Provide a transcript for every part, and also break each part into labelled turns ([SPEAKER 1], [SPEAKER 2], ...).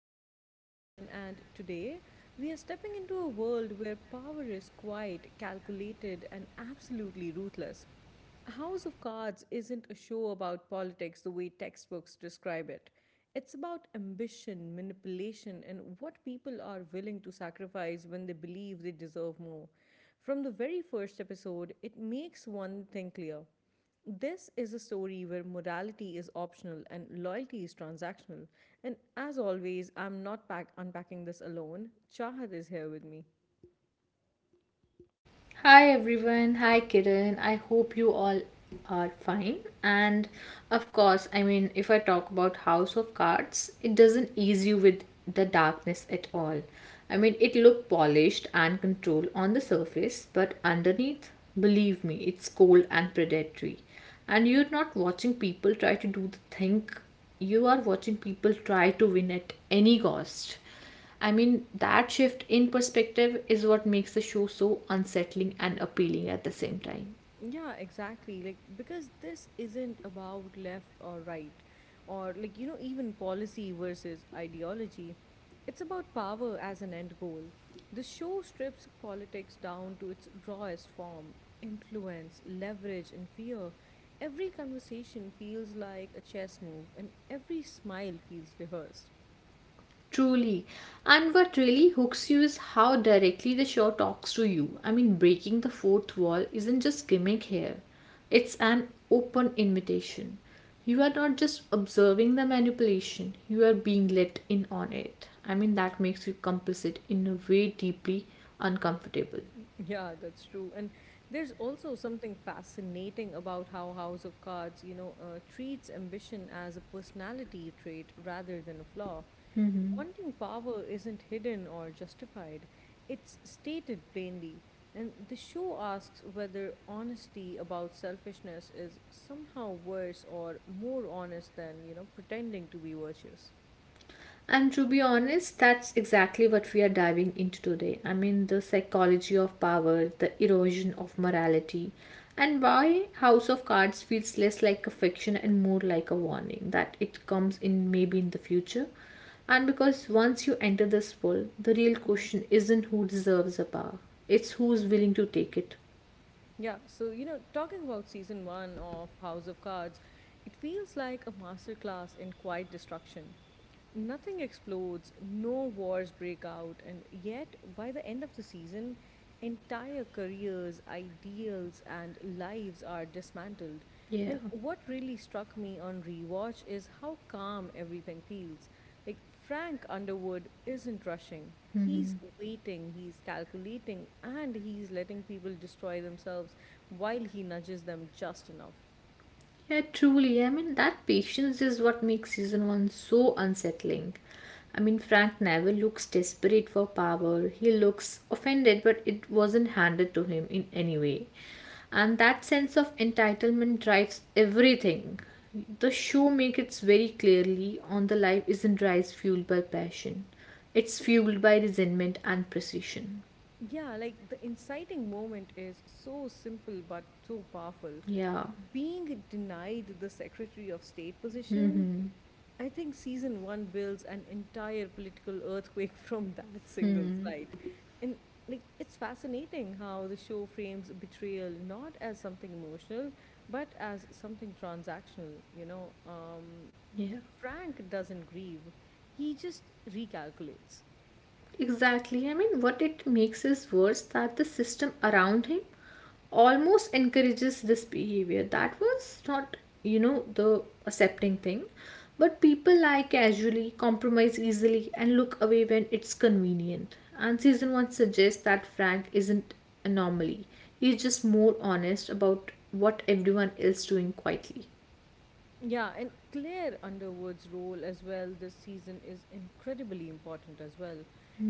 [SPEAKER 1] I'm your host Kiran, and today we are stepping into a world where power is quiet, calculated, and absolutely ruthless. A House of Cards isn't a show about politics the way textbooks describe it. It's about ambition, manipulation, and what people are willing to sacrifice when they believe they deserve more. From the very first episode, it makes one thing clear. This is a story where morality is optional and loyalty is transactional. And as always, I'm not unpacking this alone. Chahat is here with me.
[SPEAKER 2] Hi everyone, hi Kiran. I hope you all are fine. And of course, if I talk about House of Cards, it doesn't ease you with the darkness at all. It looked polished and controlled on the surface, but underneath, believe me, it's cold and predatory. And you're not watching people try to do the thing, you are watching people try to win at any cost. That shift in perspective is what makes the show so unsettling and appealing at the same time.
[SPEAKER 1] Yeah, exactly. Because this isn't about left or right, or even policy versus ideology. It's about power as an end goal. The show strips politics down to its rawest form, influence, leverage, and fear. Every conversation feels like a chess move, and every smile feels rehearsed.
[SPEAKER 2] Truly. And what really hooks you is how directly the show talks to you. Breaking the fourth wall isn't just gimmick here, it's an open invitation. You are not just observing the manipulation, you are being let in on it. That makes you complicit in a way deeply uncomfortable.
[SPEAKER 1] Yeah, that's true. And there's also something fascinating about how House of Cards, treats ambition as a personality trait rather than a flaw. Wanting power isn't hidden or justified, it's stated plainly. And the show asks whether honesty about selfishness is somehow worse or more honest than, pretending to be virtuous.
[SPEAKER 2] And to be honest, that's exactly what we are diving into today. The psychology of power, the erosion of morality, and why House of Cards feels less like a fiction and more like a warning that it comes in maybe in the future. And because once you enter this world, the real question isn't who deserves the power, it's who's willing to take it.
[SPEAKER 1] Talking about season one of House of Cards, it feels like a masterclass in quiet destruction. Nothing explodes, no wars break out, and yet by the end of the season, entire careers, ideals, and lives are dismantled.
[SPEAKER 2] Yeah.
[SPEAKER 1] And what really struck me on rewatch is how calm everything feels. Like Frank Underwood isn't rushing. He's waiting, he's calculating, and he's letting people destroy themselves while he nudges them just enough.
[SPEAKER 2] Yeah, truly. That patience is what makes season one so unsettling. Frank Neville looks desperate for power. He looks offended, but it wasn't handed to him in any way. And that sense of entitlement drives everything. The show makes it very clearly on the life isn't rise fueled by passion. It's fueled by resentment and precision.
[SPEAKER 1] Yeah, like the inciting moment is so simple but so powerful.
[SPEAKER 2] Yeah.
[SPEAKER 1] Being denied the Secretary of State position,
[SPEAKER 2] Hmm.
[SPEAKER 1] I think season one builds an entire political earthquake from that single slide. And like it's fascinating how the show frames betrayal not as something emotional, but as something transactional, you know.
[SPEAKER 2] Yeah.
[SPEAKER 1] Frank doesn't grieve. He just recalculates.
[SPEAKER 2] Exactly. What it makes is worse that the system around him almost encourages this behavior. That was not, the accepting thing. But people lie casually, compromise easily, and look away when it's convenient. And season one suggests that Frank isn't anomaly. He's just more honest about what everyone is doing quietly.
[SPEAKER 1] Yeah, and Claire Underwood's role as well this season is incredibly important as well.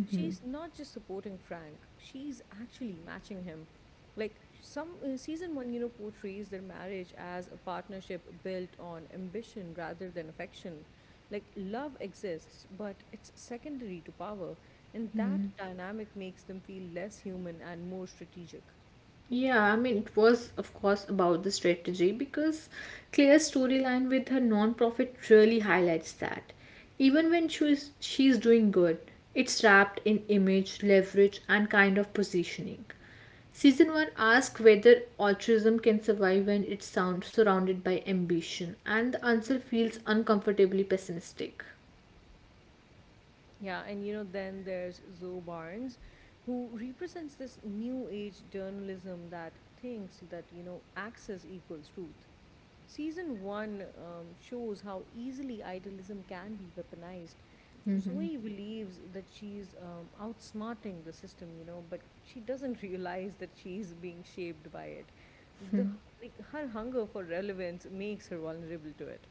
[SPEAKER 1] She's not just supporting Frank, she's actually matching him. Like some Season 1, you know, portrays their marriage as a partnership built on ambition rather than affection. Like love exists, but it's secondary to power, and that dynamic makes them feel less human and more strategic.
[SPEAKER 2] Yeah, I mean, it was, of course, about the strategy because clear storyline with her non-profit really highlights that. Even when she's doing good, it's wrapped in image, leverage, and kind of positioning. Season 1 asks whether altruism can survive when it's sound, surrounded by ambition, and the answer feels uncomfortably pessimistic.
[SPEAKER 1] Yeah, and you know, then there's Zoe Barnes, who represents this new age journalism that thinks that, you know, access equals truth. Season one shows how easily idealism can be weaponized. Zoe believes that she's outsmarting the system, you know, but she doesn't realize that she's being shaped by it. The Like her hunger for relevance makes her vulnerable to it.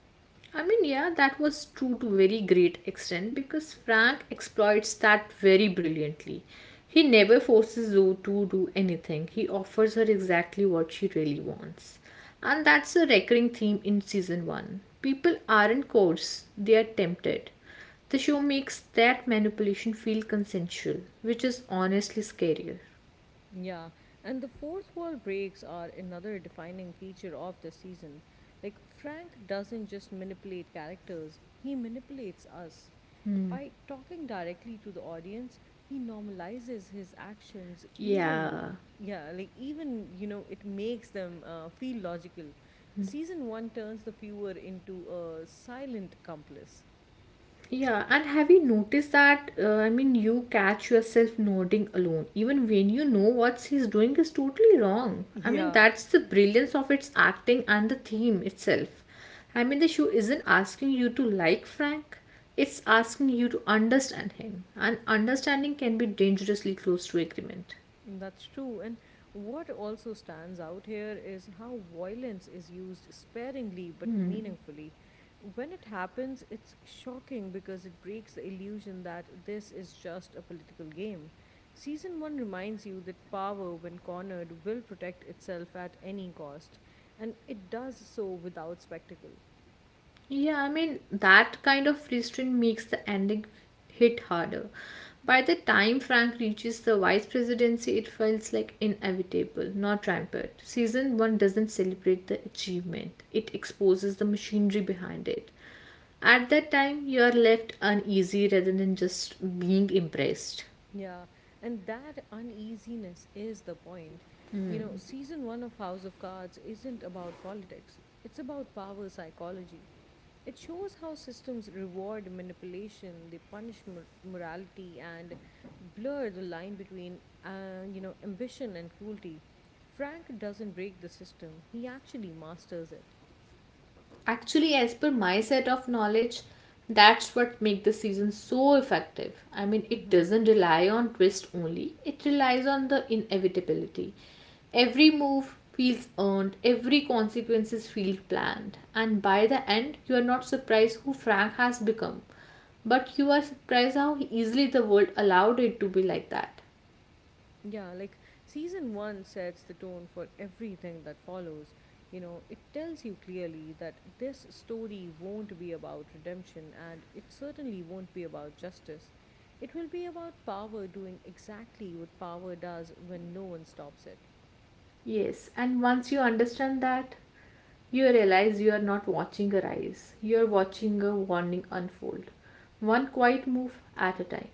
[SPEAKER 2] I mean, yeah, that was true to very great extent because Frank exploits that very brilliantly. He never forces Zoe to do anything. He offers her exactly what she really wants. And that's a recurring theme in season 1. People aren't coerced, they are tempted. The show makes that manipulation feel consensual, which is honestly scarier.
[SPEAKER 1] Yeah, and the fourth wall breaks are another defining feature of the season. Like, Frank doesn't just manipulate characters, he manipulates us. By talking directly to the audience, he normalizes his actions,
[SPEAKER 2] Yeah.
[SPEAKER 1] yeah, like, even, you know, it makes them feel logical. Season one turns the viewer into a silent accomplice.
[SPEAKER 2] Yeah, and have you noticed that? You catch yourself nodding alone, even when you know what he's doing is totally wrong.
[SPEAKER 1] Yeah.
[SPEAKER 2] That's the brilliance of its acting and the theme itself. The show isn't asking you to like Frank, it's asking you to understand him, and understanding can be dangerously close to agreement.
[SPEAKER 1] That's true. And what also stands out here is how violence is used sparingly but meaningfully. When it happens, it's shocking because it breaks the illusion that this is just a political game. Season 1 reminds you that power, when cornered, will protect itself at any cost, and it does so without spectacle.
[SPEAKER 2] Yeah, I mean, that kind of restraint makes the ending hit harder. By the time Frank reaches the vice presidency, it feels like inevitable, not rampant. Season 1 doesn't celebrate the achievement, it exposes the machinery behind it. At that time, you are left uneasy rather than just being impressed.
[SPEAKER 1] Yeah, and that uneasiness is the point. You know, season one of House of Cards isn't about politics, it's about power psychology. It shows how systems reward manipulation, they punish morality, and blur the line between, ambition and cruelty. Frank doesn't break the system, he actually masters it.
[SPEAKER 2] Actually, as per my set of knowledge, that's what make the season so effective. It
[SPEAKER 1] Mm-hmm.
[SPEAKER 2] doesn't rely on twist only. It relies on the inevitability. Every move feels earned, every consequences feel planned, and by the end, you are not surprised who Frank has become, but you are surprised how easily the world allowed it to be like that.
[SPEAKER 1] Yeah, like season one sets the tone for everything that follows. You know, it tells you clearly that this story won't be about redemption and it certainly won't be about justice. It will be about power doing exactly what power does when no one stops it.
[SPEAKER 2] Yes, and once you understand that, you realize you are not watching a rise, you are watching a warning unfold, one quiet move at a time.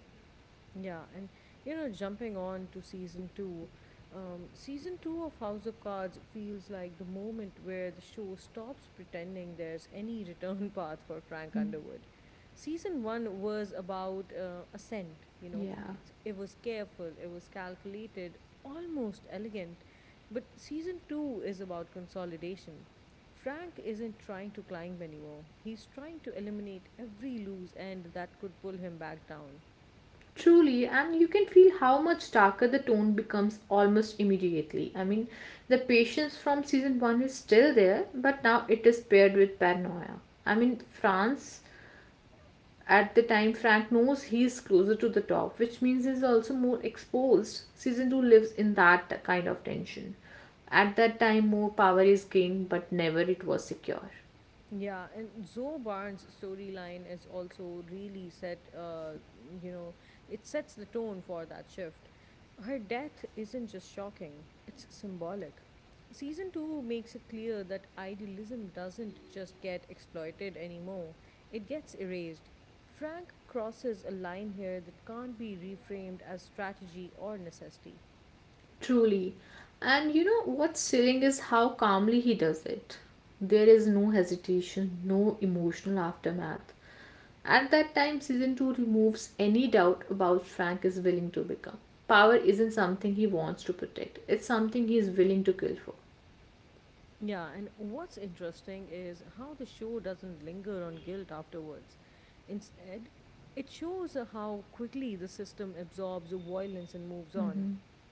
[SPEAKER 1] Yeah, and you know, jumping on to season two of House of Cards feels like the moment where the show stops pretending there's any return path for Frank Underwood. Season one was about ascent, you know,
[SPEAKER 2] Yeah,
[SPEAKER 1] it's, it was careful, it was calculated, almost elegant. But season two is about consolidation. Frank isn't trying to climb anymore, he's trying to eliminate every loose end that could pull him back down.
[SPEAKER 2] truly, and you can feel how much darker the tone becomes almost immediately. The patience from season 1 is still there, but now it is paired with paranoia. I mean, France At the time, Frank knows he's closer to the top, which means he's also more exposed. Season 2 lives in that kind of tension. At that time, more power is gained, but never it was secure.
[SPEAKER 1] Yeah, and Zoe Barnes' storyline is also really set, you know, it sets the tone for that shift. Her death isn't just shocking, it's symbolic. Season 2 makes it clear that idealism doesn't just get exploited anymore, it gets erased. Frank crosses a line here that can't be reframed as strategy or necessity.
[SPEAKER 2] Truly. And you know what's chilling is how calmly he does it. There is no hesitation, no emotional aftermath. At that time, season 2 removes any doubt about Frank is willing to become. Power isn't something he wants to protect, it's something he is willing to kill for.
[SPEAKER 1] Yeah, and what's interesting is how the show doesn't linger on guilt afterwards. Instead, it shows how quickly the system absorbs violence and moves on.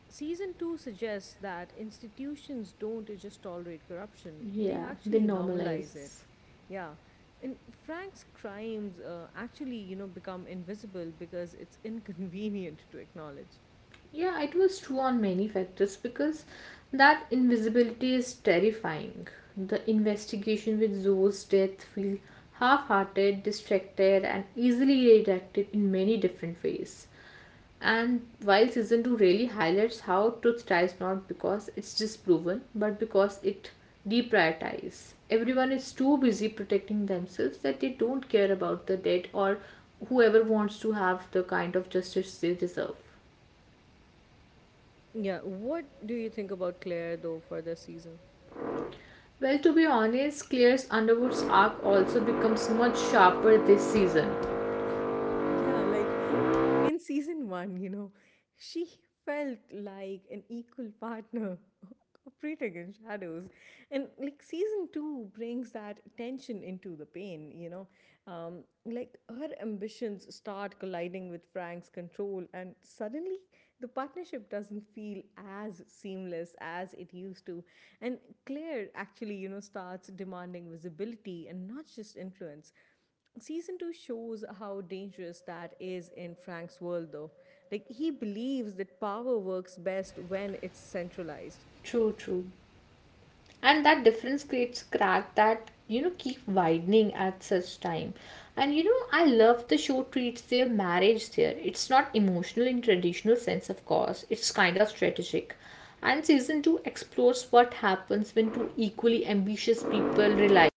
[SPEAKER 1] Season 2 suggests that institutions don't just tolerate corruption, they
[SPEAKER 2] Yeah, they
[SPEAKER 1] actually normalize it.
[SPEAKER 2] normalize.
[SPEAKER 1] Yeah, and Frank's crimes become invisible because it's inconvenient to acknowledge.
[SPEAKER 2] Yeah, it was true on many factors because that invisibility is terrifying. The investigation with Zoe's death feel half-hearted, distracted, and easily redirected in many different ways. And while season 2 really highlights how truth tries not because it's disproven, but because it deprioritizes. Everyone is too busy protecting themselves that they don't care about the dead or whoever wants to have the kind of justice they deserve.
[SPEAKER 1] Yeah, what do you think about Claire though for this season?
[SPEAKER 2] Well, to be honest, Claire's Underwood's arc also becomes much sharper this season.
[SPEAKER 1] Yeah, like in season one, you know, she felt like an equal partner operating in shadows. And like season two brings that tension into the pain, you know. Like her ambitions start colliding with Frank's control, and suddenly the partnership doesn't feel as seamless as it used to. And Claire actually, you know, starts demanding visibility and not just influence. Season 2 shows how dangerous that is in Frank's world, though. Like, he believes that power works best when it's centralized.
[SPEAKER 2] True, true. And that difference creates crack that keep widening at such time. And I love the show treats their marriage there. It's not emotional in traditional sense, of course, it's kind of strategic. And season 2 explores what happens when two equally ambitious people realize.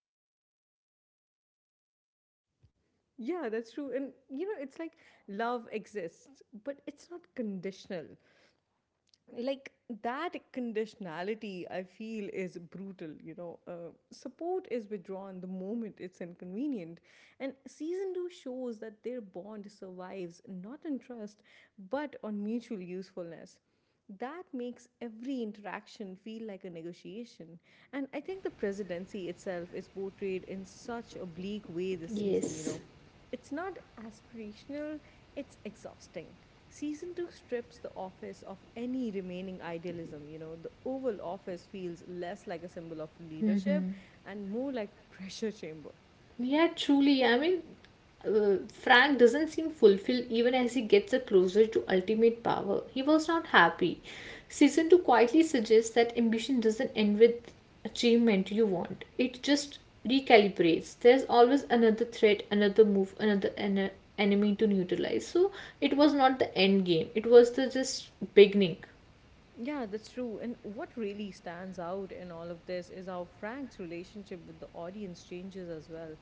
[SPEAKER 1] Yeah, that's true. And, you know, it's like love exists, but it's not conditional. Like that conditionality I feel is brutal, you know, support is withdrawn the moment it's inconvenient, and season 2 shows that their bond survives not on trust but on mutual usefulness. That makes every interaction feel like a negotiation. And I think the presidency itself is portrayed in such a bleak way this season, you know,
[SPEAKER 2] Yes.
[SPEAKER 1] it's not aspirational, it's exhausting. Season 2 strips the office of any remaining idealism. You know, the Oval Office feels less like a symbol of leadership and more like a pressure chamber.
[SPEAKER 2] Yeah, truly. Frank doesn't seem fulfilled even as he gets a closer to ultimate power. He was not happy. Season 2 quietly suggests that ambition doesn't end with achievement you want, it just recalibrates. There's always another threat, another move, enemy to neutralize. So it was not the end game, it was the just beginning.
[SPEAKER 1] Yeah, that's true. And what really stands out in all of this is how Frank's relationship with the audience changes as well.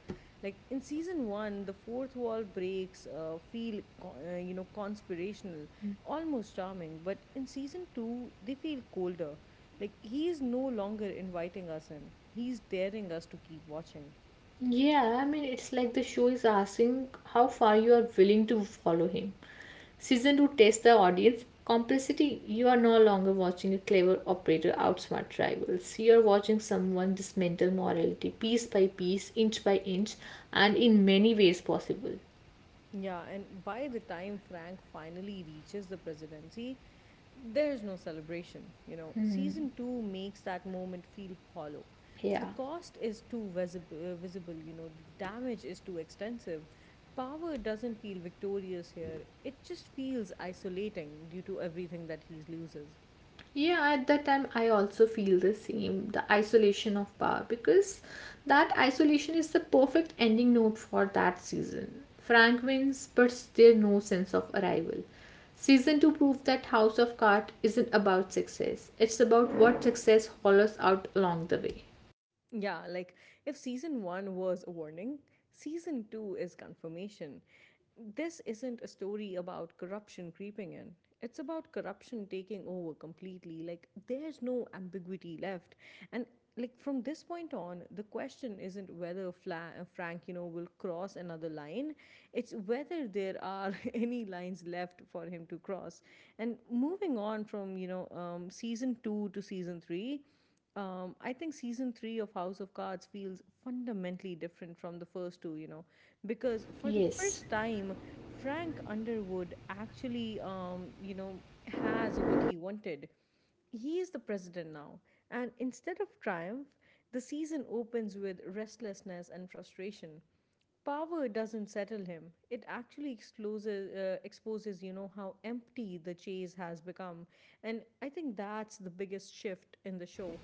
[SPEAKER 1] Like in season one, the fourth wall breaks feel conspirational, almost charming. But in season two, they feel colder. Like he is no longer inviting us in. He's daring us to keep watching.
[SPEAKER 2] Yeah, I mean, it's like the show is asking how far you are willing to follow him. Season 2 tests the audience complicity. You are no longer watching a clever operator outsmart rivals. You are watching someone dismantle morality piece by piece, inch by inch, and in many ways possible.
[SPEAKER 1] Yeah, and by the time Frank finally reaches the presidency, there's no celebration. You know, season two makes that moment feel hollow. The
[SPEAKER 2] Yeah.
[SPEAKER 1] cost is too visible, you know, the damage is too extensive. Power doesn't feel victorious here, it just feels isolating due to everything that he loses.
[SPEAKER 2] Yeah, at that time, I also feel the same the isolation of power because that isolation is the perfect ending note for that season. Frank wins, but still no sense of arrival. Season 2 proved that House of Cards isn't about success, it's about what success hollows out along the way.
[SPEAKER 1] Yeah, like if season one was a warning, season two is confirmation. This isn't a story about corruption creeping in. It's about corruption taking over completely. Like, there's no ambiguity left. And, like, from this point on, the question isn't whether Frank, you know, will cross another line. It's whether there are any lines left for him to cross. And moving on from, season two to season three, I think season three of House of Cards feels fundamentally different from the first two, you know, because for the
[SPEAKER 2] Yes.
[SPEAKER 1] first time, Frank Underwood actually, has what he wanted. He is the president now. And instead of triumph, the season opens with restlessness and frustration. Power doesn't settle him, it actually exposes, you know, how empty the chase has become. And I think that's the biggest shift in the show.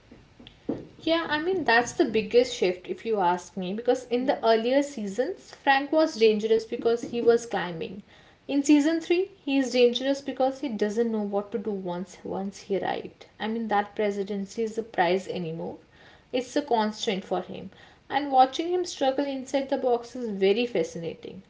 [SPEAKER 2] Yeah, I mean, that's the biggest shift if you ask me, because in
[SPEAKER 1] Yeah.
[SPEAKER 2] the earlier seasons, Frank was dangerous because he was climbing. In season 3, he is dangerous because he doesn't know what to do once he arrived. That presidency is a prize anymore. It's a constraint for him. And watching him struggle inside the box is very fascinating.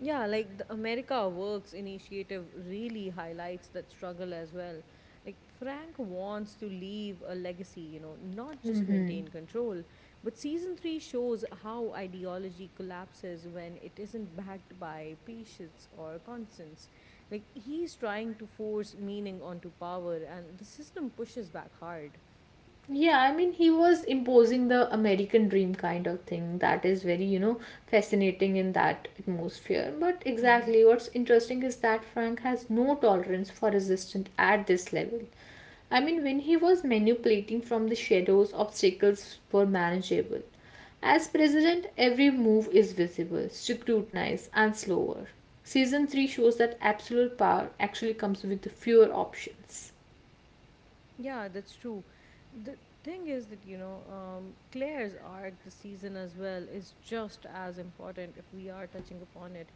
[SPEAKER 1] Yeah, like the America Works initiative really highlights that struggle as well. Like Frank wants to leave a legacy, you know, not just maintain control. But season 3 shows how ideology collapses when it isn't backed by patience or conscience. Like he's trying to force meaning onto power and the system pushes back hard.
[SPEAKER 2] Yeah, I mean, he was imposing the American dream kind of thing that is very, fascinating in that atmosphere. But exactly what's interesting is that Frank has no tolerance for resistance at this level. When he was manipulating from the shadows, obstacles were manageable. As president, every move is visible, scrutinized, and slower. Season 3 shows that absolute power actually comes with fewer options.
[SPEAKER 1] Yeah, that's true. The thing is that, Claire's arc this season as well is just as important if we are touching upon it,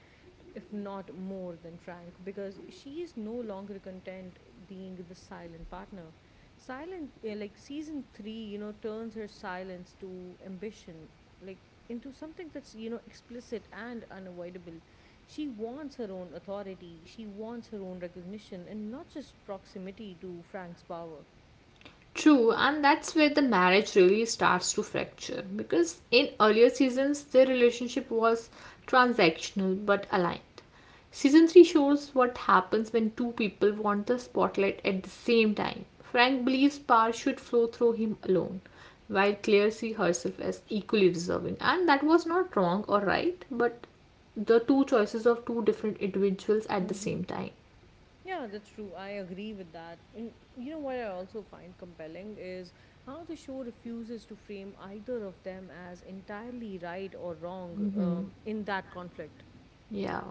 [SPEAKER 1] if not more than Frank, because she is no longer content being the silent partner. Like season three, you know, turns her silence to ambition, like into something that's, you know, explicit and unavoidable. She wants her own authority, she wants her own recognition, and not just proximity to Frank's power.
[SPEAKER 2] True, and that's where the marriage really starts to fracture because in earlier seasons their relationship was transactional but aligned. Season 3 shows what happens when two people want the spotlight at the same time. Frank believes power should flow through him alone, while Claire sees herself as equally deserving, and that was not wrong or right, but the two choices of two different individuals at the
[SPEAKER 1] Mm-hmm.
[SPEAKER 2] same time.
[SPEAKER 1] Yeah, that's true. I agree with that. And you know what I also find compelling is how the show refuses to frame either of them as entirely right or wrong in that conflict.
[SPEAKER 2] Yeah.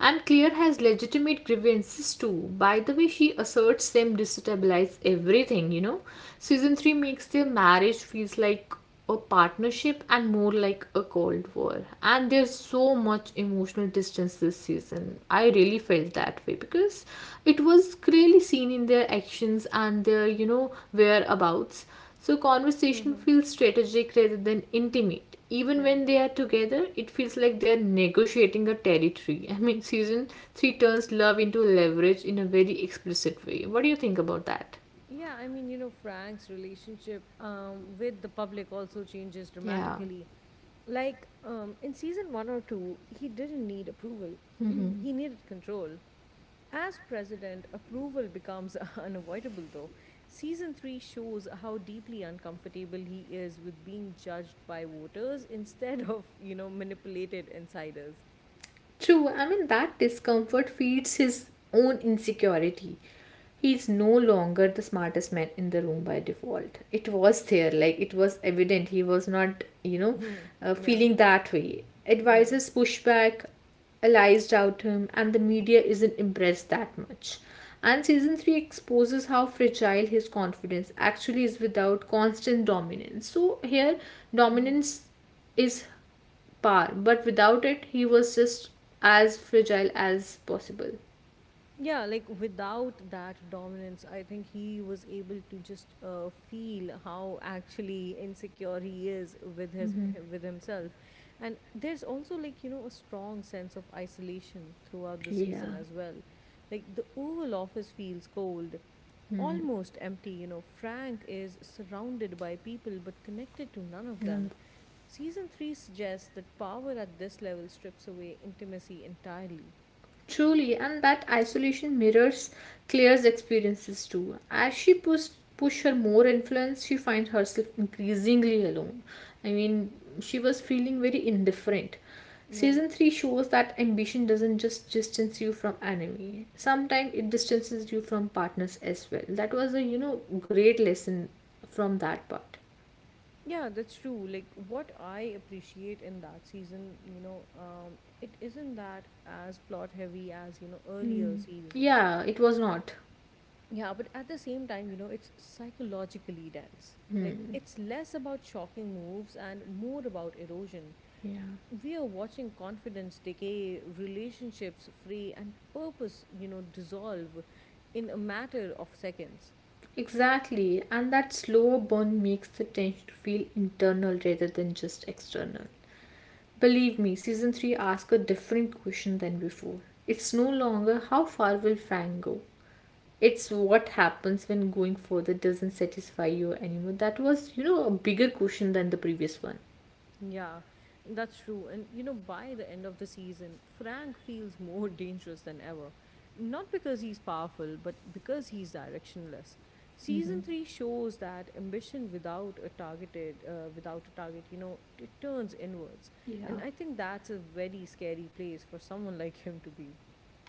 [SPEAKER 2] And Claire has legitimate grievances too. By the way, she asserts them destabilize everything, Season 3 makes their marriage feels like a partnership and more like a cold war. And there's so much emotional distance this season. I really felt that way because it was clearly seen in their actions and their, whereabouts. So conversation
[SPEAKER 1] Mm-hmm.
[SPEAKER 2] feels strategic rather than intimate. Even
[SPEAKER 1] Yeah.
[SPEAKER 2] when they are together, it feels like they are negotiating a territory. Season 3 turns love into leverage in a very explicit way. What do you think about that?
[SPEAKER 1] Yeah, I mean, you know, Frank's relationship with the public also changes
[SPEAKER 2] Yeah.
[SPEAKER 1] dramatically. Like in season one or two, he didn't need approval, he needed control. As president, approval becomes unavoidable, though. Season three shows how deeply uncomfortable he is with being judged by voters instead of, manipulated insiders.
[SPEAKER 2] True, I mean, that discomfort feeds his own insecurity. He's no longer the smartest man in the room by default. It was there, like, it was evident he was not,
[SPEAKER 1] Yeah,
[SPEAKER 2] feeling that way.
[SPEAKER 1] yeah.
[SPEAKER 2] Advisors push back, allies doubt him, and the media isn't impressed that much. And season 3 exposes how fragile his confidence actually is without constant dominance. So, here,
[SPEAKER 1] Mm-hmm.
[SPEAKER 2] dominance is Par, but without it, he was just as fragile as possible.
[SPEAKER 1] Yeah, like without that dominance, I think he was able to just feel how actually insecure he is with his with himself. And there's also, like, you know, a strong sense of isolation throughout the season
[SPEAKER 2] Yeah.
[SPEAKER 1] as well. Like, the oval office feels cold, almost empty. You know, Frank is surrounded by people but connected to none of
[SPEAKER 2] No,
[SPEAKER 1] them.
[SPEAKER 2] no.
[SPEAKER 1] Season 3 suggests that power at this level strips away intimacy entirely.
[SPEAKER 2] Truly, and that isolation mirrors Claire's experiences too. As she push her more influence, she finds herself increasingly alone. I mean, she was feeling very indifferent.
[SPEAKER 1] Yeah.
[SPEAKER 2] Season 3 shows that ambition doesn't just distance you from enemy. Sometimes it distances you from partners as well. That was a, great lesson from that part.
[SPEAKER 1] Yeah, that's true. Like, what I appreciate in that season, it isn't that as plot heavy as, earlier seasons.
[SPEAKER 2] Yeah, it was not.
[SPEAKER 1] Yeah, but at the same time, you know, it's psychologically dense. Like, it's less about shocking moves and more about erosion.
[SPEAKER 2] Yeah,
[SPEAKER 1] We are watching confidence decay, relationships fray, and purpose, dissolve in a matter of seconds.
[SPEAKER 2] exactly. And that slow burn makes the tension feel internal rather than just external. Believe me, season 3 asks a different question than before. It's no longer how far will Frank go? It's what happens when going further doesn't satisfy you anymore. That was, a bigger question than the previous one.
[SPEAKER 1] Yeah, that's true. And you know, by the end of the season, Frank feels more dangerous than ever. Not because he's powerful, but because he's directionless. Season 3 shows that ambition without a targeted without a target, it turns inwards. And
[SPEAKER 2] Yeah.
[SPEAKER 1] I think that's a very scary place for someone like him to be.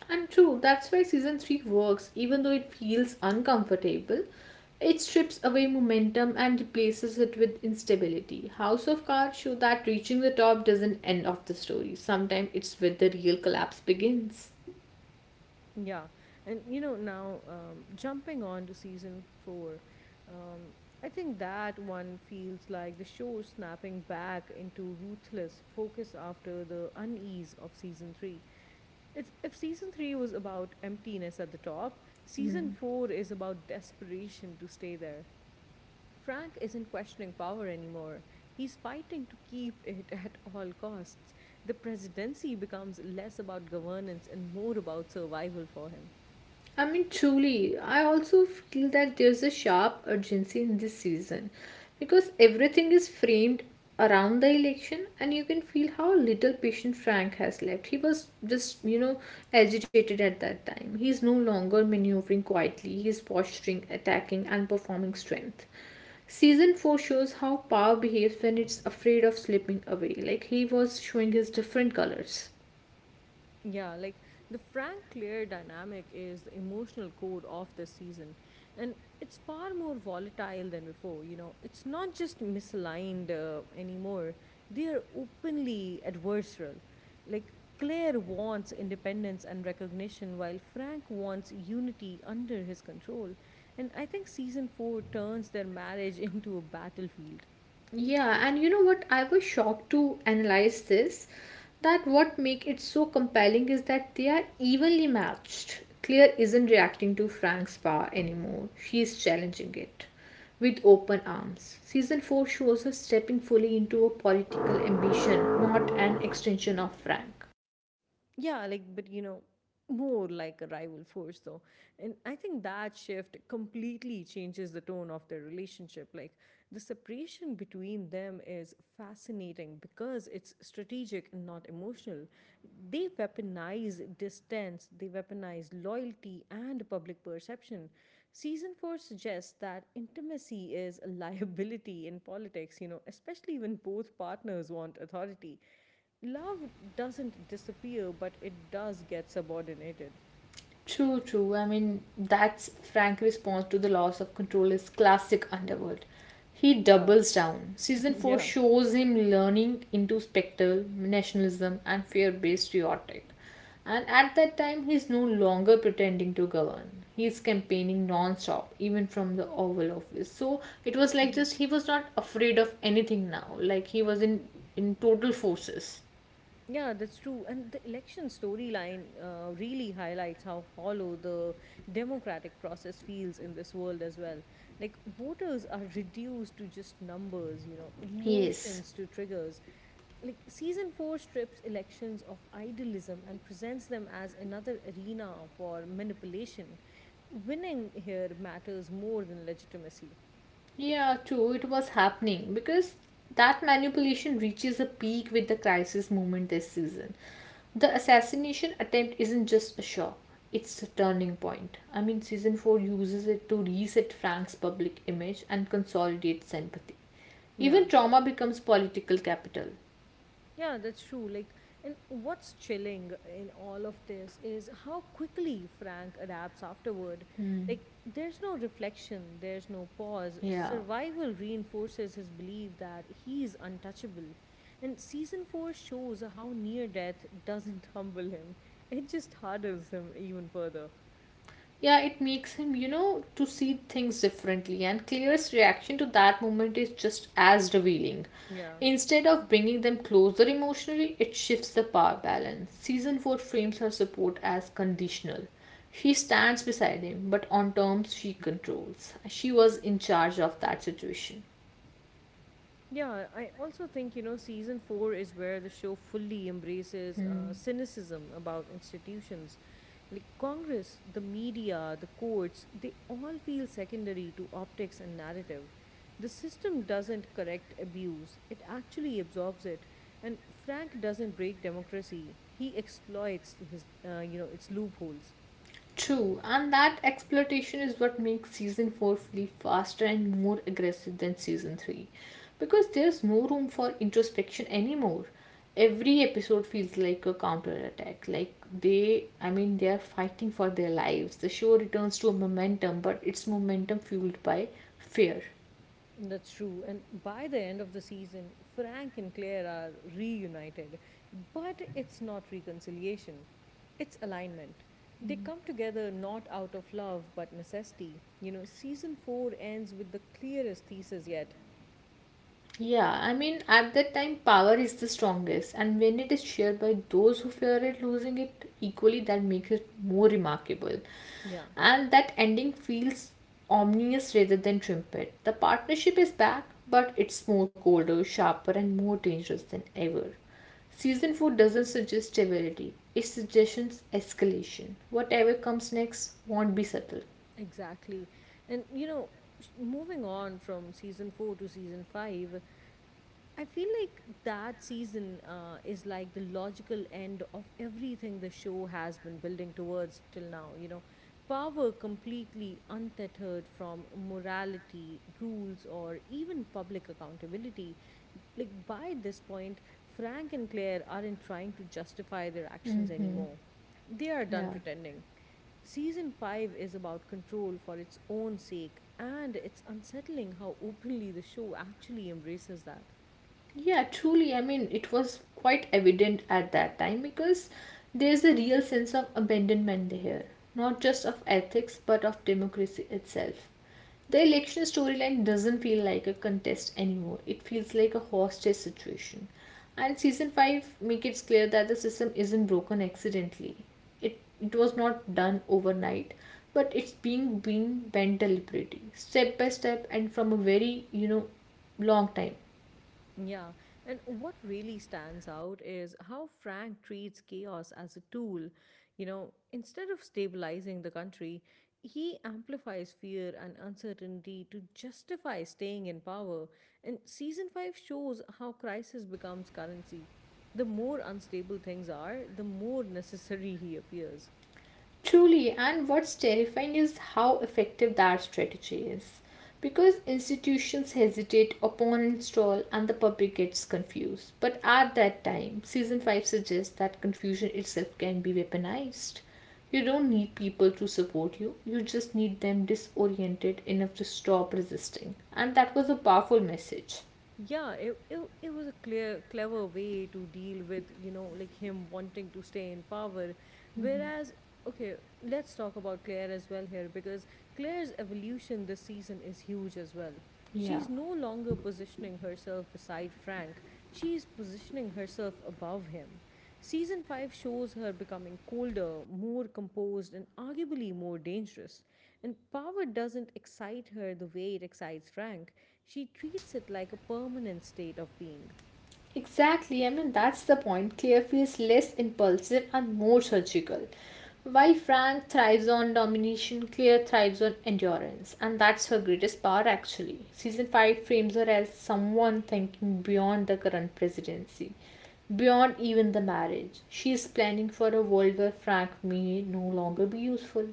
[SPEAKER 2] And true, that's why season 3 works, even though it feels uncomfortable. It strips away momentum and replaces it with instability. House of Cards show that reaching the top doesn't end of the story. Sometimes it's where the real collapse begins.
[SPEAKER 1] Yeah, and you know now jumping on to season four, um, I think that one feels like the show is snapping back into ruthless focus after the unease of season three. It's, if season three was about emptiness at the top, season four is about desperation to stay there. Frank isn't questioning power anymore. He's fighting to keep it at all costs. The presidency becomes less about governance and more about survival for him.
[SPEAKER 2] I mean, truly, I also feel that there's a sharp urgency in this season because everything is framed around the election, and you can feel how little patient Frank has left. He was just, agitated at that time. He's no longer maneuvering quietly, he's posturing, attacking, and performing strength. Season 4 shows how power behaves when it's afraid of slipping away, like he was showing his different colors.
[SPEAKER 1] Yeah, like the Frank Claire dynamic is the emotional core of this season, and it's far more volatile than before. You know, it's not just misaligned anymore, they are openly adversarial. Like, Claire wants independence and recognition, while Frank wants unity under his control. And I think season four turns their marriage into a battlefield.
[SPEAKER 2] Yeah, and you know what? I was shocked to analyze this. That what make it so compelling is that they are evenly matched. Claire isn't reacting to Frank's power anymore. She is challenging it with open arms. Season 4 shows her stepping fully into a political ambition, not an extension of Frank.
[SPEAKER 1] Yeah, like, but you know, more like a rival force though. And I think that shift completely changes the tone of their relationship. Like, the separation between them is fascinating because it's strategic and not emotional. They weaponize distance, they weaponize loyalty and public perception. Season 4 suggests that intimacy is a liability in politics, you know, especially when both partners want authority. Love doesn't disappear, but it does get subordinated.
[SPEAKER 2] True, true. I mean, that's Frank's response to the loss of control is classic Underworld. He
[SPEAKER 1] Yeah,
[SPEAKER 2] doubles down. Season 4
[SPEAKER 1] yeah.
[SPEAKER 2] shows him learning into spectral, nationalism, and fear based rhetoric. And at that time, he's no longer pretending to govern. He's campaigning non stop, even from the Oval Office. So it was like
[SPEAKER 1] Mhm.
[SPEAKER 2] just he was not afraid of anything now. Like he was in total forces.
[SPEAKER 1] Yeah, that's true. And the election storyline really highlights how hollow the democratic process feels in this world as well. Like, voters are reduced to just numbers, you know,
[SPEAKER 2] Yes.
[SPEAKER 1] emotions to triggers. Like, season four strips elections of idealism and presents them as another arena for manipulation. Winning here matters more than legitimacy.
[SPEAKER 2] Yeah, true. It was happening because that manipulation reaches a peak with the crisis movement this season. The assassination attempt isn't just a shock, it's a turning point. I mean, season 4 uses it to reset Frank's public image and consolidate sympathy.
[SPEAKER 1] Yeah.
[SPEAKER 2] Even trauma becomes political capital.
[SPEAKER 1] Yeah, that's true. And what's chilling in all of this is how quickly Frank adapts afterward. Like, there's no reflection, there's no pause.
[SPEAKER 2] Yeah.
[SPEAKER 1] Survival reinforces his belief that he's untouchable. And season four shows how near death doesn't humble him, it just hardens him even further.
[SPEAKER 2] Yeah, it makes him, to see things differently, and Claire's reaction to that moment is just as revealing.
[SPEAKER 1] Yeah.
[SPEAKER 2] Instead of bringing them closer emotionally, it shifts the power balance. Season 4 frames her support as conditional. She stands beside him, but on terms she controls. She was in charge of that situation.
[SPEAKER 1] Yeah, I also think, you know, season four is where the show fully embraces cynicism about institutions. Like, Congress, the media, the courts, they all feel secondary to optics and narrative. The system doesn't correct abuse, it actually absorbs it. And Frank doesn't break democracy, he exploits its loopholes.
[SPEAKER 2] True, and that exploitation is what makes season 4 feel faster and more aggressive than season 3 because there's no room for introspection anymore. Every episode feels like a counterattack. Like they, I mean, they are fighting for their lives. The show returns to a momentum, but it's momentum fueled by fear.
[SPEAKER 1] That's true. And by the end of the season, Frank and Claire are reunited. But it's not reconciliation, it's alignment. They come together not out of love but necessity. You know, season four ends with the clearest thesis yet.
[SPEAKER 2] Yeah, I mean, at that time, power is the strongest, and when it is shared by those who fear it losing it equally, that makes it more remarkable.
[SPEAKER 1] Yeah,
[SPEAKER 2] And that ending feels ominous rather than trumpet. The partnership is back, but it's more colder, sharper, and more dangerous than ever. Season 4 doesn't suggest stability, it suggests escalation. Whatever comes next won't be subtle.
[SPEAKER 1] exactly. And you know, moving on from season 4 to season 5, I feel like that season is like the logical end of everything the show has been building towards till now, you know. Power completely untethered from morality, rules, or even public accountability. Like, by this point, Frank and Claire aren't trying to justify their actions anymore. They are done
[SPEAKER 2] Yeah.
[SPEAKER 1] pretending. Season 5 is about control for its own sake, and it's unsettling how openly the show actually embraces that.
[SPEAKER 2] Yeah, truly. I mean, it was quite evident at that time because there's a real sense of abandonment here, not just of ethics but of democracy itself. The election storyline doesn't feel like a contest anymore. It feels like a hostage situation. And season 5 make it clear that the system isn't broken accidentally. It was not done overnight, but it's being bent deliberately, step by step and from a very, long time.
[SPEAKER 1] Yeah, and what really stands out is how Frank treats chaos as a tool. You know, instead of stabilizing the country, he amplifies fear and uncertainty to justify staying in power. And season 5 shows how crisis becomes currency. The more unstable things are, the more necessary he appears.
[SPEAKER 2] Truly, and what's terrifying is how effective that strategy is. Because institutions hesitate upon install and the public gets confused. But at that time, season 5 suggests that confusion itself can be weaponized. You don't need people to support you, you just need them disoriented enough to stop resisting. And that was a powerful message.
[SPEAKER 1] Yeah, it was a clear clever way to deal with, you know, like him wanting to stay in power. Whereas, okay, let's talk about Claire as well here, because Claire's evolution this season is huge as well.
[SPEAKER 2] Yeah.
[SPEAKER 1] She's no longer positioning herself beside Frank, she's positioning herself above him. Season 5 shows her becoming colder, more composed, and arguably more dangerous. And power doesn't excite her the way it excites Frank. She treats it like a permanent state of being.
[SPEAKER 2] Exactly, I mean, that's the point. Claire feels less impulsive and more surgical. While Frank thrives on domination, Claire thrives on endurance, and that's her greatest power actually. Season 5 frames her as someone thinking beyond the current presidency, beyond even the marriage. She is planning for a world where Frank may no longer be useful.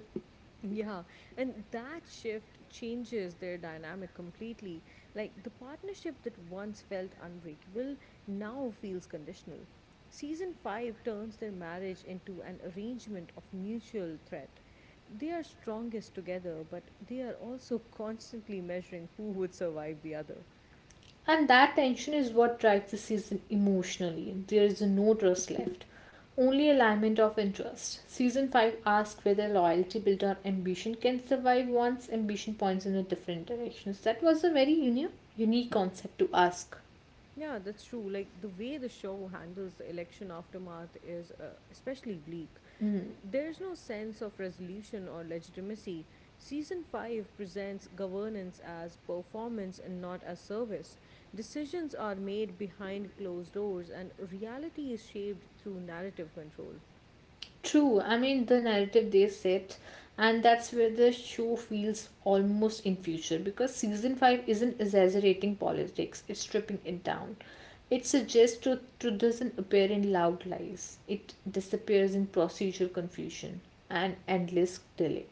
[SPEAKER 1] Yeah, and that shift changes their dynamic completely. Like, the partnership that once felt unbreakable now feels conditional. Season 5 turns their marriage into an arrangement of mutual threat. They are strongest together, but they are also constantly measuring who would survive the other.
[SPEAKER 2] And that tension is what drives the season emotionally. There is no trust left, only alignment of interest. Season 5 asks whether loyalty built on ambition can survive once ambition points in a different direction. So that was a very unique concept to ask.
[SPEAKER 1] Yeah, that's true. Like, the way the show handles the election aftermath is especially bleak. There's no sense of resolution or legitimacy. Season 5 presents governance as performance and not as service. Decisions are made behind closed doors, and reality is shaped through narrative control.
[SPEAKER 2] True, I mean the narrative they set, and that's where the show feels almost in future because season five isn't exaggerating politics; it's stripping it down. It suggests truth doesn't appear in loud lies; it disappears in procedural confusion and endless delay.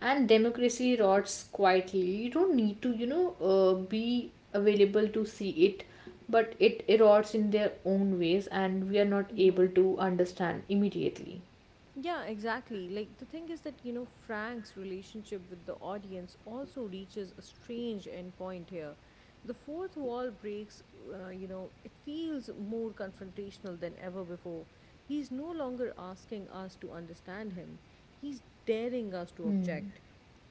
[SPEAKER 2] And democracy rots quietly. You don't need to, be available to see it, but it erodes in their own ways, and we are not able to understand immediately.
[SPEAKER 1] Yeah, exactly. Like, the thing is that, you know, Frank's relationship with the audience also reaches a strange endpoint here. The fourth wall breaks, you know, it feels more confrontational than ever before. He's no longer asking us to understand him, he's daring us to object.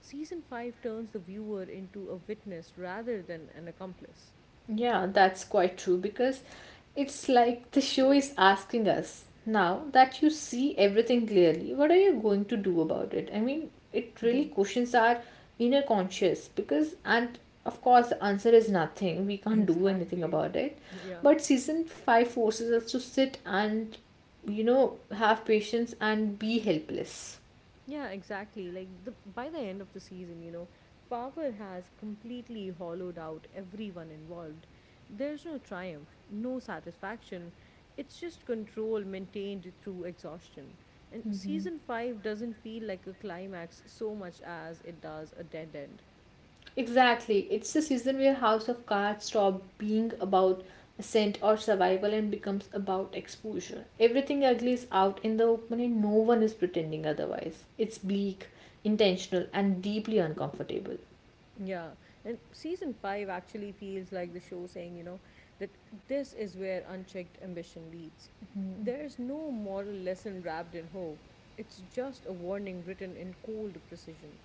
[SPEAKER 1] Season 5 turns the viewer into a witness rather than an accomplice.
[SPEAKER 2] Yeah, that's quite true because it's like the show is asking us now that you see everything clearly, what are you going to do about it? I mean, it really
[SPEAKER 1] Mhm.
[SPEAKER 2] questions our inner conscious because, and of course, the answer is nothing. We can't do anything
[SPEAKER 1] Exactly.
[SPEAKER 2] about it.
[SPEAKER 1] Yeah.
[SPEAKER 2] But season five forces us to sit and, have patience and be helpless.
[SPEAKER 1] Yeah, exactly. Like the by the end of the season, you know, power has completely hollowed out everyone involved. There's no triumph, no satisfaction. It's just control maintained through exhaustion. And season 5 doesn't feel like a climax so much as it does a dead end.
[SPEAKER 2] Exactly. It's the season where House of Cards stop being about ascent or survival and becomes about exposure. Everything ugly is out in the open and no one is pretending otherwise. It's bleak, intentional, and deeply uncomfortable.
[SPEAKER 1] Yeah, and season five actually feels like the show saying, you know, that this is where unchecked ambition leads. There's no moral lesson wrapped in hope, it's just a warning written in cold precision.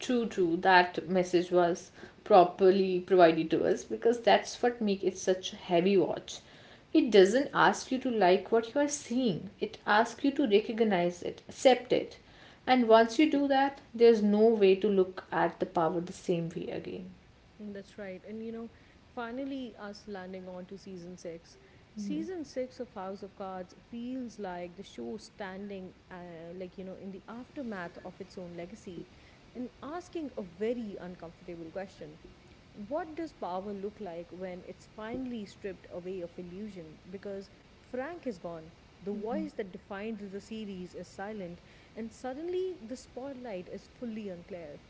[SPEAKER 2] True, true. That message was properly provided to us because that's what makes it such a heavy watch. It doesn't ask you to like what you are seeing, it asks you to recognize it, accept it. And once you do that, there's no way to look at the power the same way again.
[SPEAKER 1] Mm. That's right, and you know, finally, us landing on to season six. Season six of House of Cards feels like the show standing, like, you know, in the aftermath of its own legacy and asking a very uncomfortable question. What does power look like when it's finally stripped away of illusion? Because Frank is gone. The voice that defined the series is silent, and suddenly the spotlight is fully on Claire.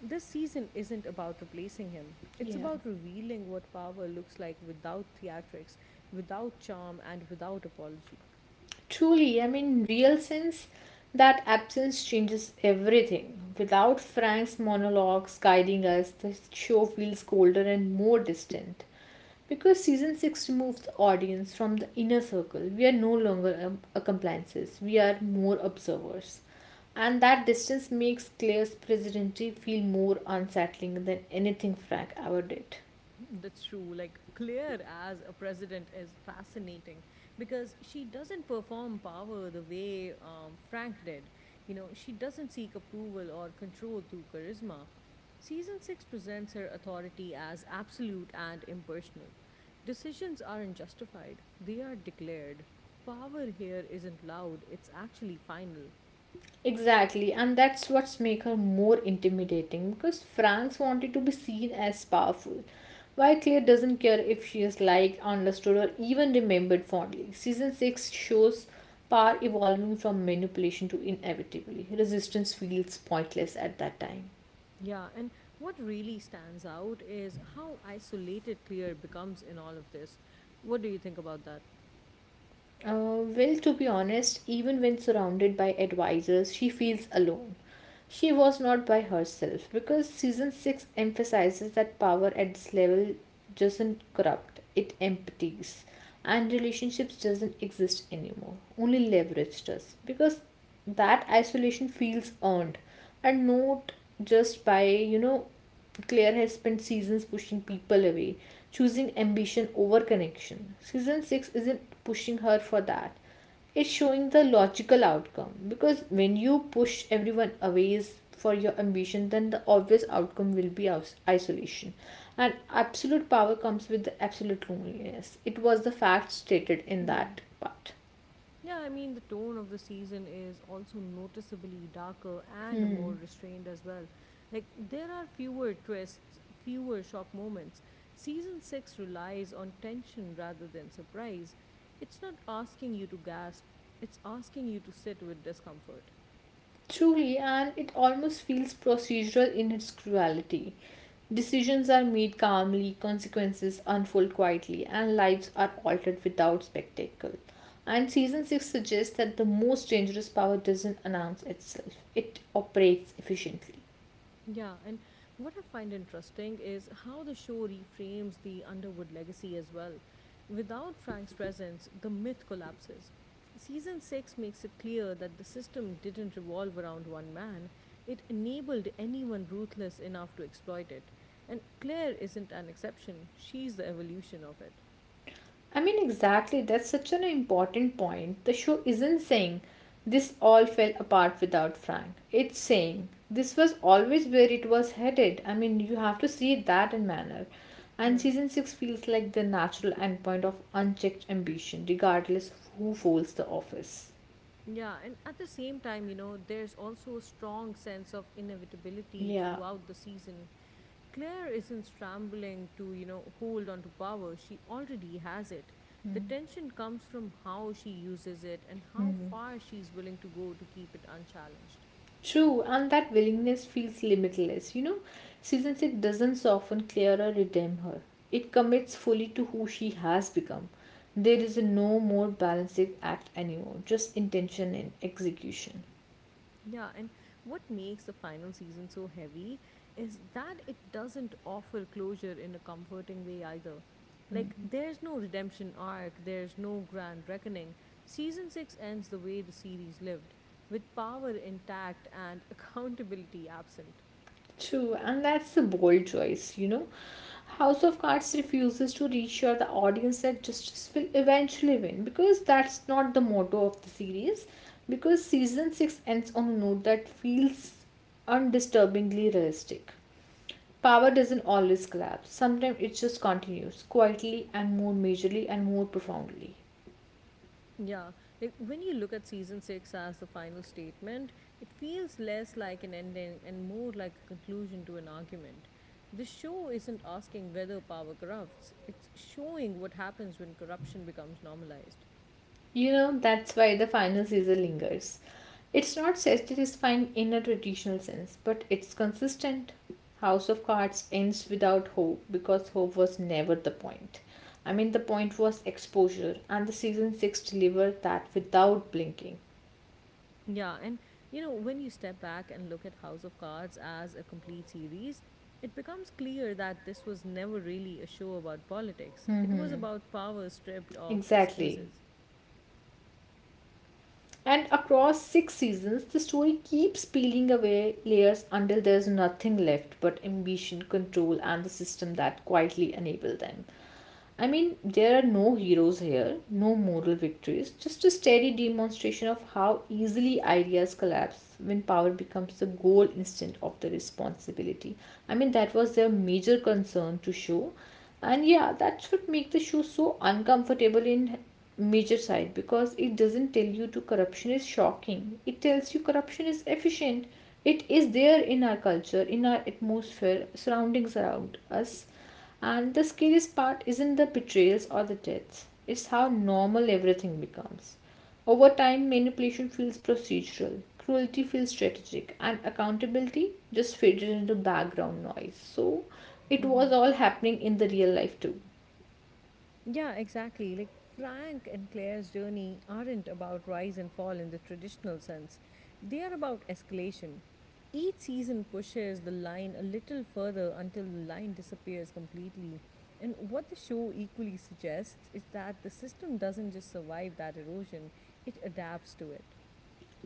[SPEAKER 1] This season isn't about replacing him. It's
[SPEAKER 2] Yeah.
[SPEAKER 1] about revealing what power looks like without theatrics, without charm, and without apology.
[SPEAKER 2] Truly, I mean, real sense that absence changes everything. Without Frank's monologues guiding us, the show feels colder and more distant. Because season 6 removes the audience from the inner circle, we are no longer accomplices, we are more observers. And that distance makes Claire's presidency feel more unsettling than anything Frank ever did.
[SPEAKER 1] That's true. Like, Claire as a president is fascinating because she doesn't perform power the way Frank did. You know, she doesn't seek approval or control through charisma. Season 6 presents her authority as absolute and impersonal. Decisions aren't justified, they are declared. Power here isn't loud, it's actually final.
[SPEAKER 2] Exactly, and that's what's make her more intimidating because Franks wanted to be seen as powerful, while Claire doesn't care if she is liked, understood, or even remembered fondly. Season six shows power evolving from manipulation to inevitability. Resistance feels pointless at that time.
[SPEAKER 1] Yeah, and what really stands out is how isolated Claire becomes in all of this. What do you think about that?
[SPEAKER 2] Well, to be honest, even when surrounded by advisors, she feels alone. She was not by herself because season 6 emphasizes that power at this level doesn't corrupt, it empties. And relationships doesn't exist anymore. Only leverage does. Because that isolation feels earned and not just by, Claire has spent seasons pushing people away, choosing ambition over connection. Season 6 isn't pushing her for that. It's showing the logical outcome because when you push everyone away is for your ambition, then the obvious outcome will be isolation. And absolute power comes with the absolute loneliness. It was the fact stated in
[SPEAKER 1] Hmm.
[SPEAKER 2] that part.
[SPEAKER 1] Yeah, I mean, the tone of the season is also noticeably darker and more restrained as well. Like, there are fewer twists, fewer shock moments. Season 6 relies on tension rather than surprise. It's not asking you to gasp, it's asking you to sit with discomfort.
[SPEAKER 2] Truly, and it almost feels procedural in its cruelty. Decisions are made calmly, consequences unfold quietly, and lives are altered without spectacle. And season 6 suggests that the most dangerous power doesn't announce itself, it operates efficiently.
[SPEAKER 1] Yeah, and what I find interesting is how the show reframes the Underwood legacy as well. Without Frank's presence, the myth collapses. Season 6 makes it clear that the system didn't revolve around one man, it enabled anyone ruthless enough to exploit it. And Claire isn't an exception, she's the evolution of it.
[SPEAKER 2] I mean, exactly. That's such an important point. The show isn't saying this all fell apart without Frank. It's saying this was always where it was headed. I mean, you have to see that in manner. And
[SPEAKER 1] Yeah.
[SPEAKER 2] season 6 feels like the natural endpoint of unchecked ambition, regardless of who holds the office.
[SPEAKER 1] Yeah, and at the same time, you know, there's also a strong sense of inevitability
[SPEAKER 2] Yeah.
[SPEAKER 1] throughout the season. Claire isn't scrambling to, you know, hold on to power. She already has it. The tension comes from how she uses it and how far she's willing to go to keep it unchallenged.
[SPEAKER 2] True, and that willingness feels limitless. Season 6 doesn't soften Claire or redeem her, it commits fully to who she has become. There is no more balancing act anymore, just intention and execution.
[SPEAKER 1] Yeah, and what makes the final season so heavy is that it doesn't offer closure in a comforting way either. Like, there's no redemption arc, there's no grand reckoning. Season 6 ends the way the series lived, with power intact and accountability absent.
[SPEAKER 2] True, and that's a bold choice, House of Cards refuses to reassure the audience that justice will eventually win because that's not the motto of the series. Because season 6 ends on a note that feels undisturbingly realistic. Power doesn't always collapse. Sometimes it just continues quietly and more majorly and more profoundly.
[SPEAKER 1] Yeah, like when you look at season six as the final statement, it feels less like an ending and more like a conclusion to an argument. The show isn't asking whether power corrupts, it's showing what happens when corruption becomes normalized.
[SPEAKER 2] You know, that's why the final season lingers. It's not satisfying in a traditional sense, but it's consistent. House of Cards ends without hope because hope was never the point. I mean, the point was exposure, and the season 6 delivered that without blinking.
[SPEAKER 1] Yeah, and you know, when you step back and look at House of Cards as a complete series, it becomes clear that this was never really a show about politics. It was about power stripped of
[SPEAKER 2] Exactly.
[SPEAKER 1] excuses.
[SPEAKER 2] And across six seasons, the story keeps peeling away layers until there's nothing left but ambition, control, and the system that quietly enable them. I mean, there are no heroes here, no moral victories, just a steady demonstration of how easily ideas collapse when power becomes the goal instead of the responsibility. I mean, that was their major concern to show. And yeah, that should make the show so uncomfortable in major side because it doesn't tell you to corruption is shocking. It tells you corruption is efficient. It is there in our culture, in our atmosphere, surroundings around us and the scariest part isn't the betrayals or the deaths, it's how normal everything becomes. Over time, manipulation feels procedural, cruelty feels strategic, and accountability just faded into background noise. So, it
[SPEAKER 1] Mm-hmm.
[SPEAKER 2] was all happening in the real life too.
[SPEAKER 1] Yeah, exactly. Like, Frank and Claire's journey aren't about rise and fall in the traditional sense, they are about escalation. Each season pushes the line a little further until the line disappears completely. And what the show equally suggests is that the system doesn't just survive that erosion, it adapts to it.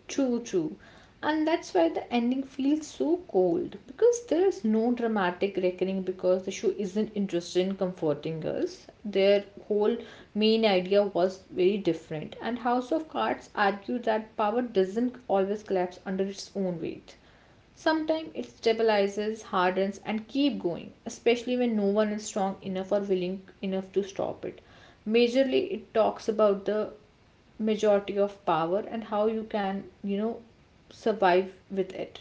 [SPEAKER 2] True, true. And that's why the ending feels so cold because there's no dramatic reckoning because the show isn't interested in comforting us. Their whole main idea was very different, and House of Cards argued that power doesn't always collapse under its own weight. Sometimes it stabilizes, hardens, and keep going, especially when no one is strong enough or willing enough to stop it. Majorly, it talks about the majority of power and how you can survive with it.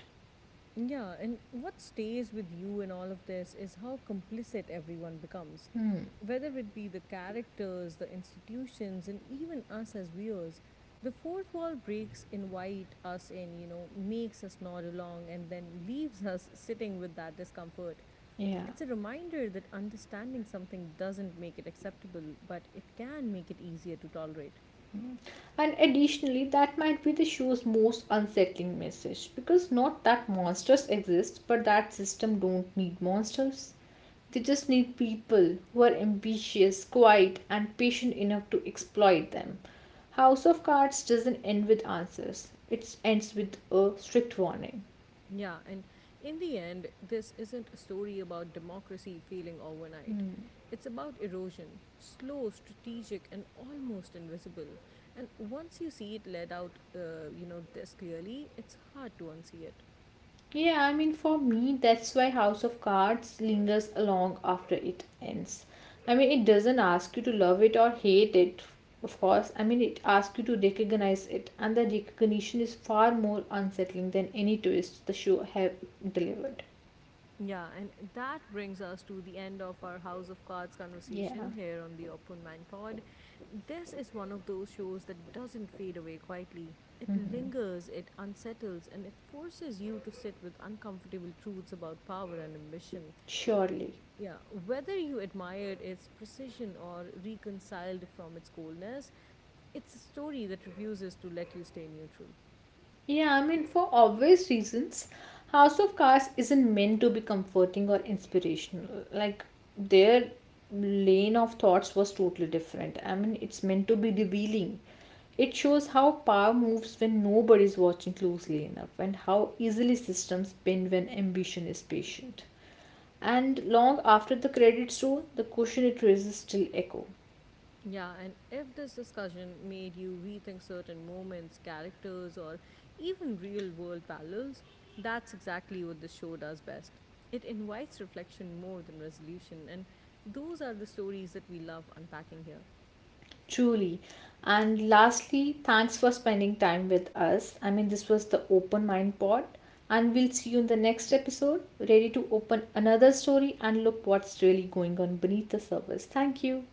[SPEAKER 1] Yeah, and what stays with you in all of this is how complicit everyone becomes.
[SPEAKER 2] Mm.
[SPEAKER 1] Whether it be the characters, the institutions, and even us as viewers, the fourth wall breaks invite us in, you know, makes us nod along, and then leaves us sitting with that discomfort.
[SPEAKER 2] Yeah,
[SPEAKER 1] It's a reminder that understanding something doesn't make it acceptable, but it can make it easier to tolerate.
[SPEAKER 2] and additionally that might be the show's most unsettling message because not that monsters exist but that system don't need monsters, they just need people who are ambitious, quiet and patient enough to exploit them. House of cards doesn't end with answers, it ends with a strict warning.
[SPEAKER 1] Yeah, and in the end, this isn't a story about democracy failing overnight. It's about erosion, slow, strategic, and almost invisible. And once you see it laid out, you know, this clearly, it's hard to unsee it.
[SPEAKER 2] Yeah, I mean, for me, that's why House of Cards lingers along after it ends. I mean, it doesn't ask you to love it or hate it, of course. I mean, it asks you to recognize it, and the recognition is far more unsettling than any twist the show have delivered.
[SPEAKER 1] Yeah, and that brings us to the end of our House of Cards
[SPEAKER 2] Yeah,
[SPEAKER 1] conversation here on the Open Mind Pod. This is one of those shows that doesn't fade away quietly. It lingers, it unsettles, and it forces you to sit with uncomfortable truths about power and ambition.
[SPEAKER 2] surely.
[SPEAKER 1] Yeah, whether you admire its precision or reconciled from its coldness, it's a story that refuses to let you stay neutral.
[SPEAKER 2] Yeah, I mean, for obvious reasons, House of Cards isn't meant to be comforting or inspirational. Like, their lane of thoughts was totally different. I mean, it's meant to be revealing. It shows how power moves when nobody's watching closely enough, and how easily systems bend when ambition is patient. And long after the credits roll, the question it raises still echo.
[SPEAKER 1] Yeah, and if this discussion made you rethink certain moments, characters, or even real world parallels, that's exactly what the show does best. It invites reflection more than resolution, and those are the stories that we love unpacking here.
[SPEAKER 2] Truly. And lastly, thanks for spending time with us. I mean, this was the Open Mind Pod. And we'll see you in the next episode, ready to open another story and look what's really going on beneath the surface. Thank you.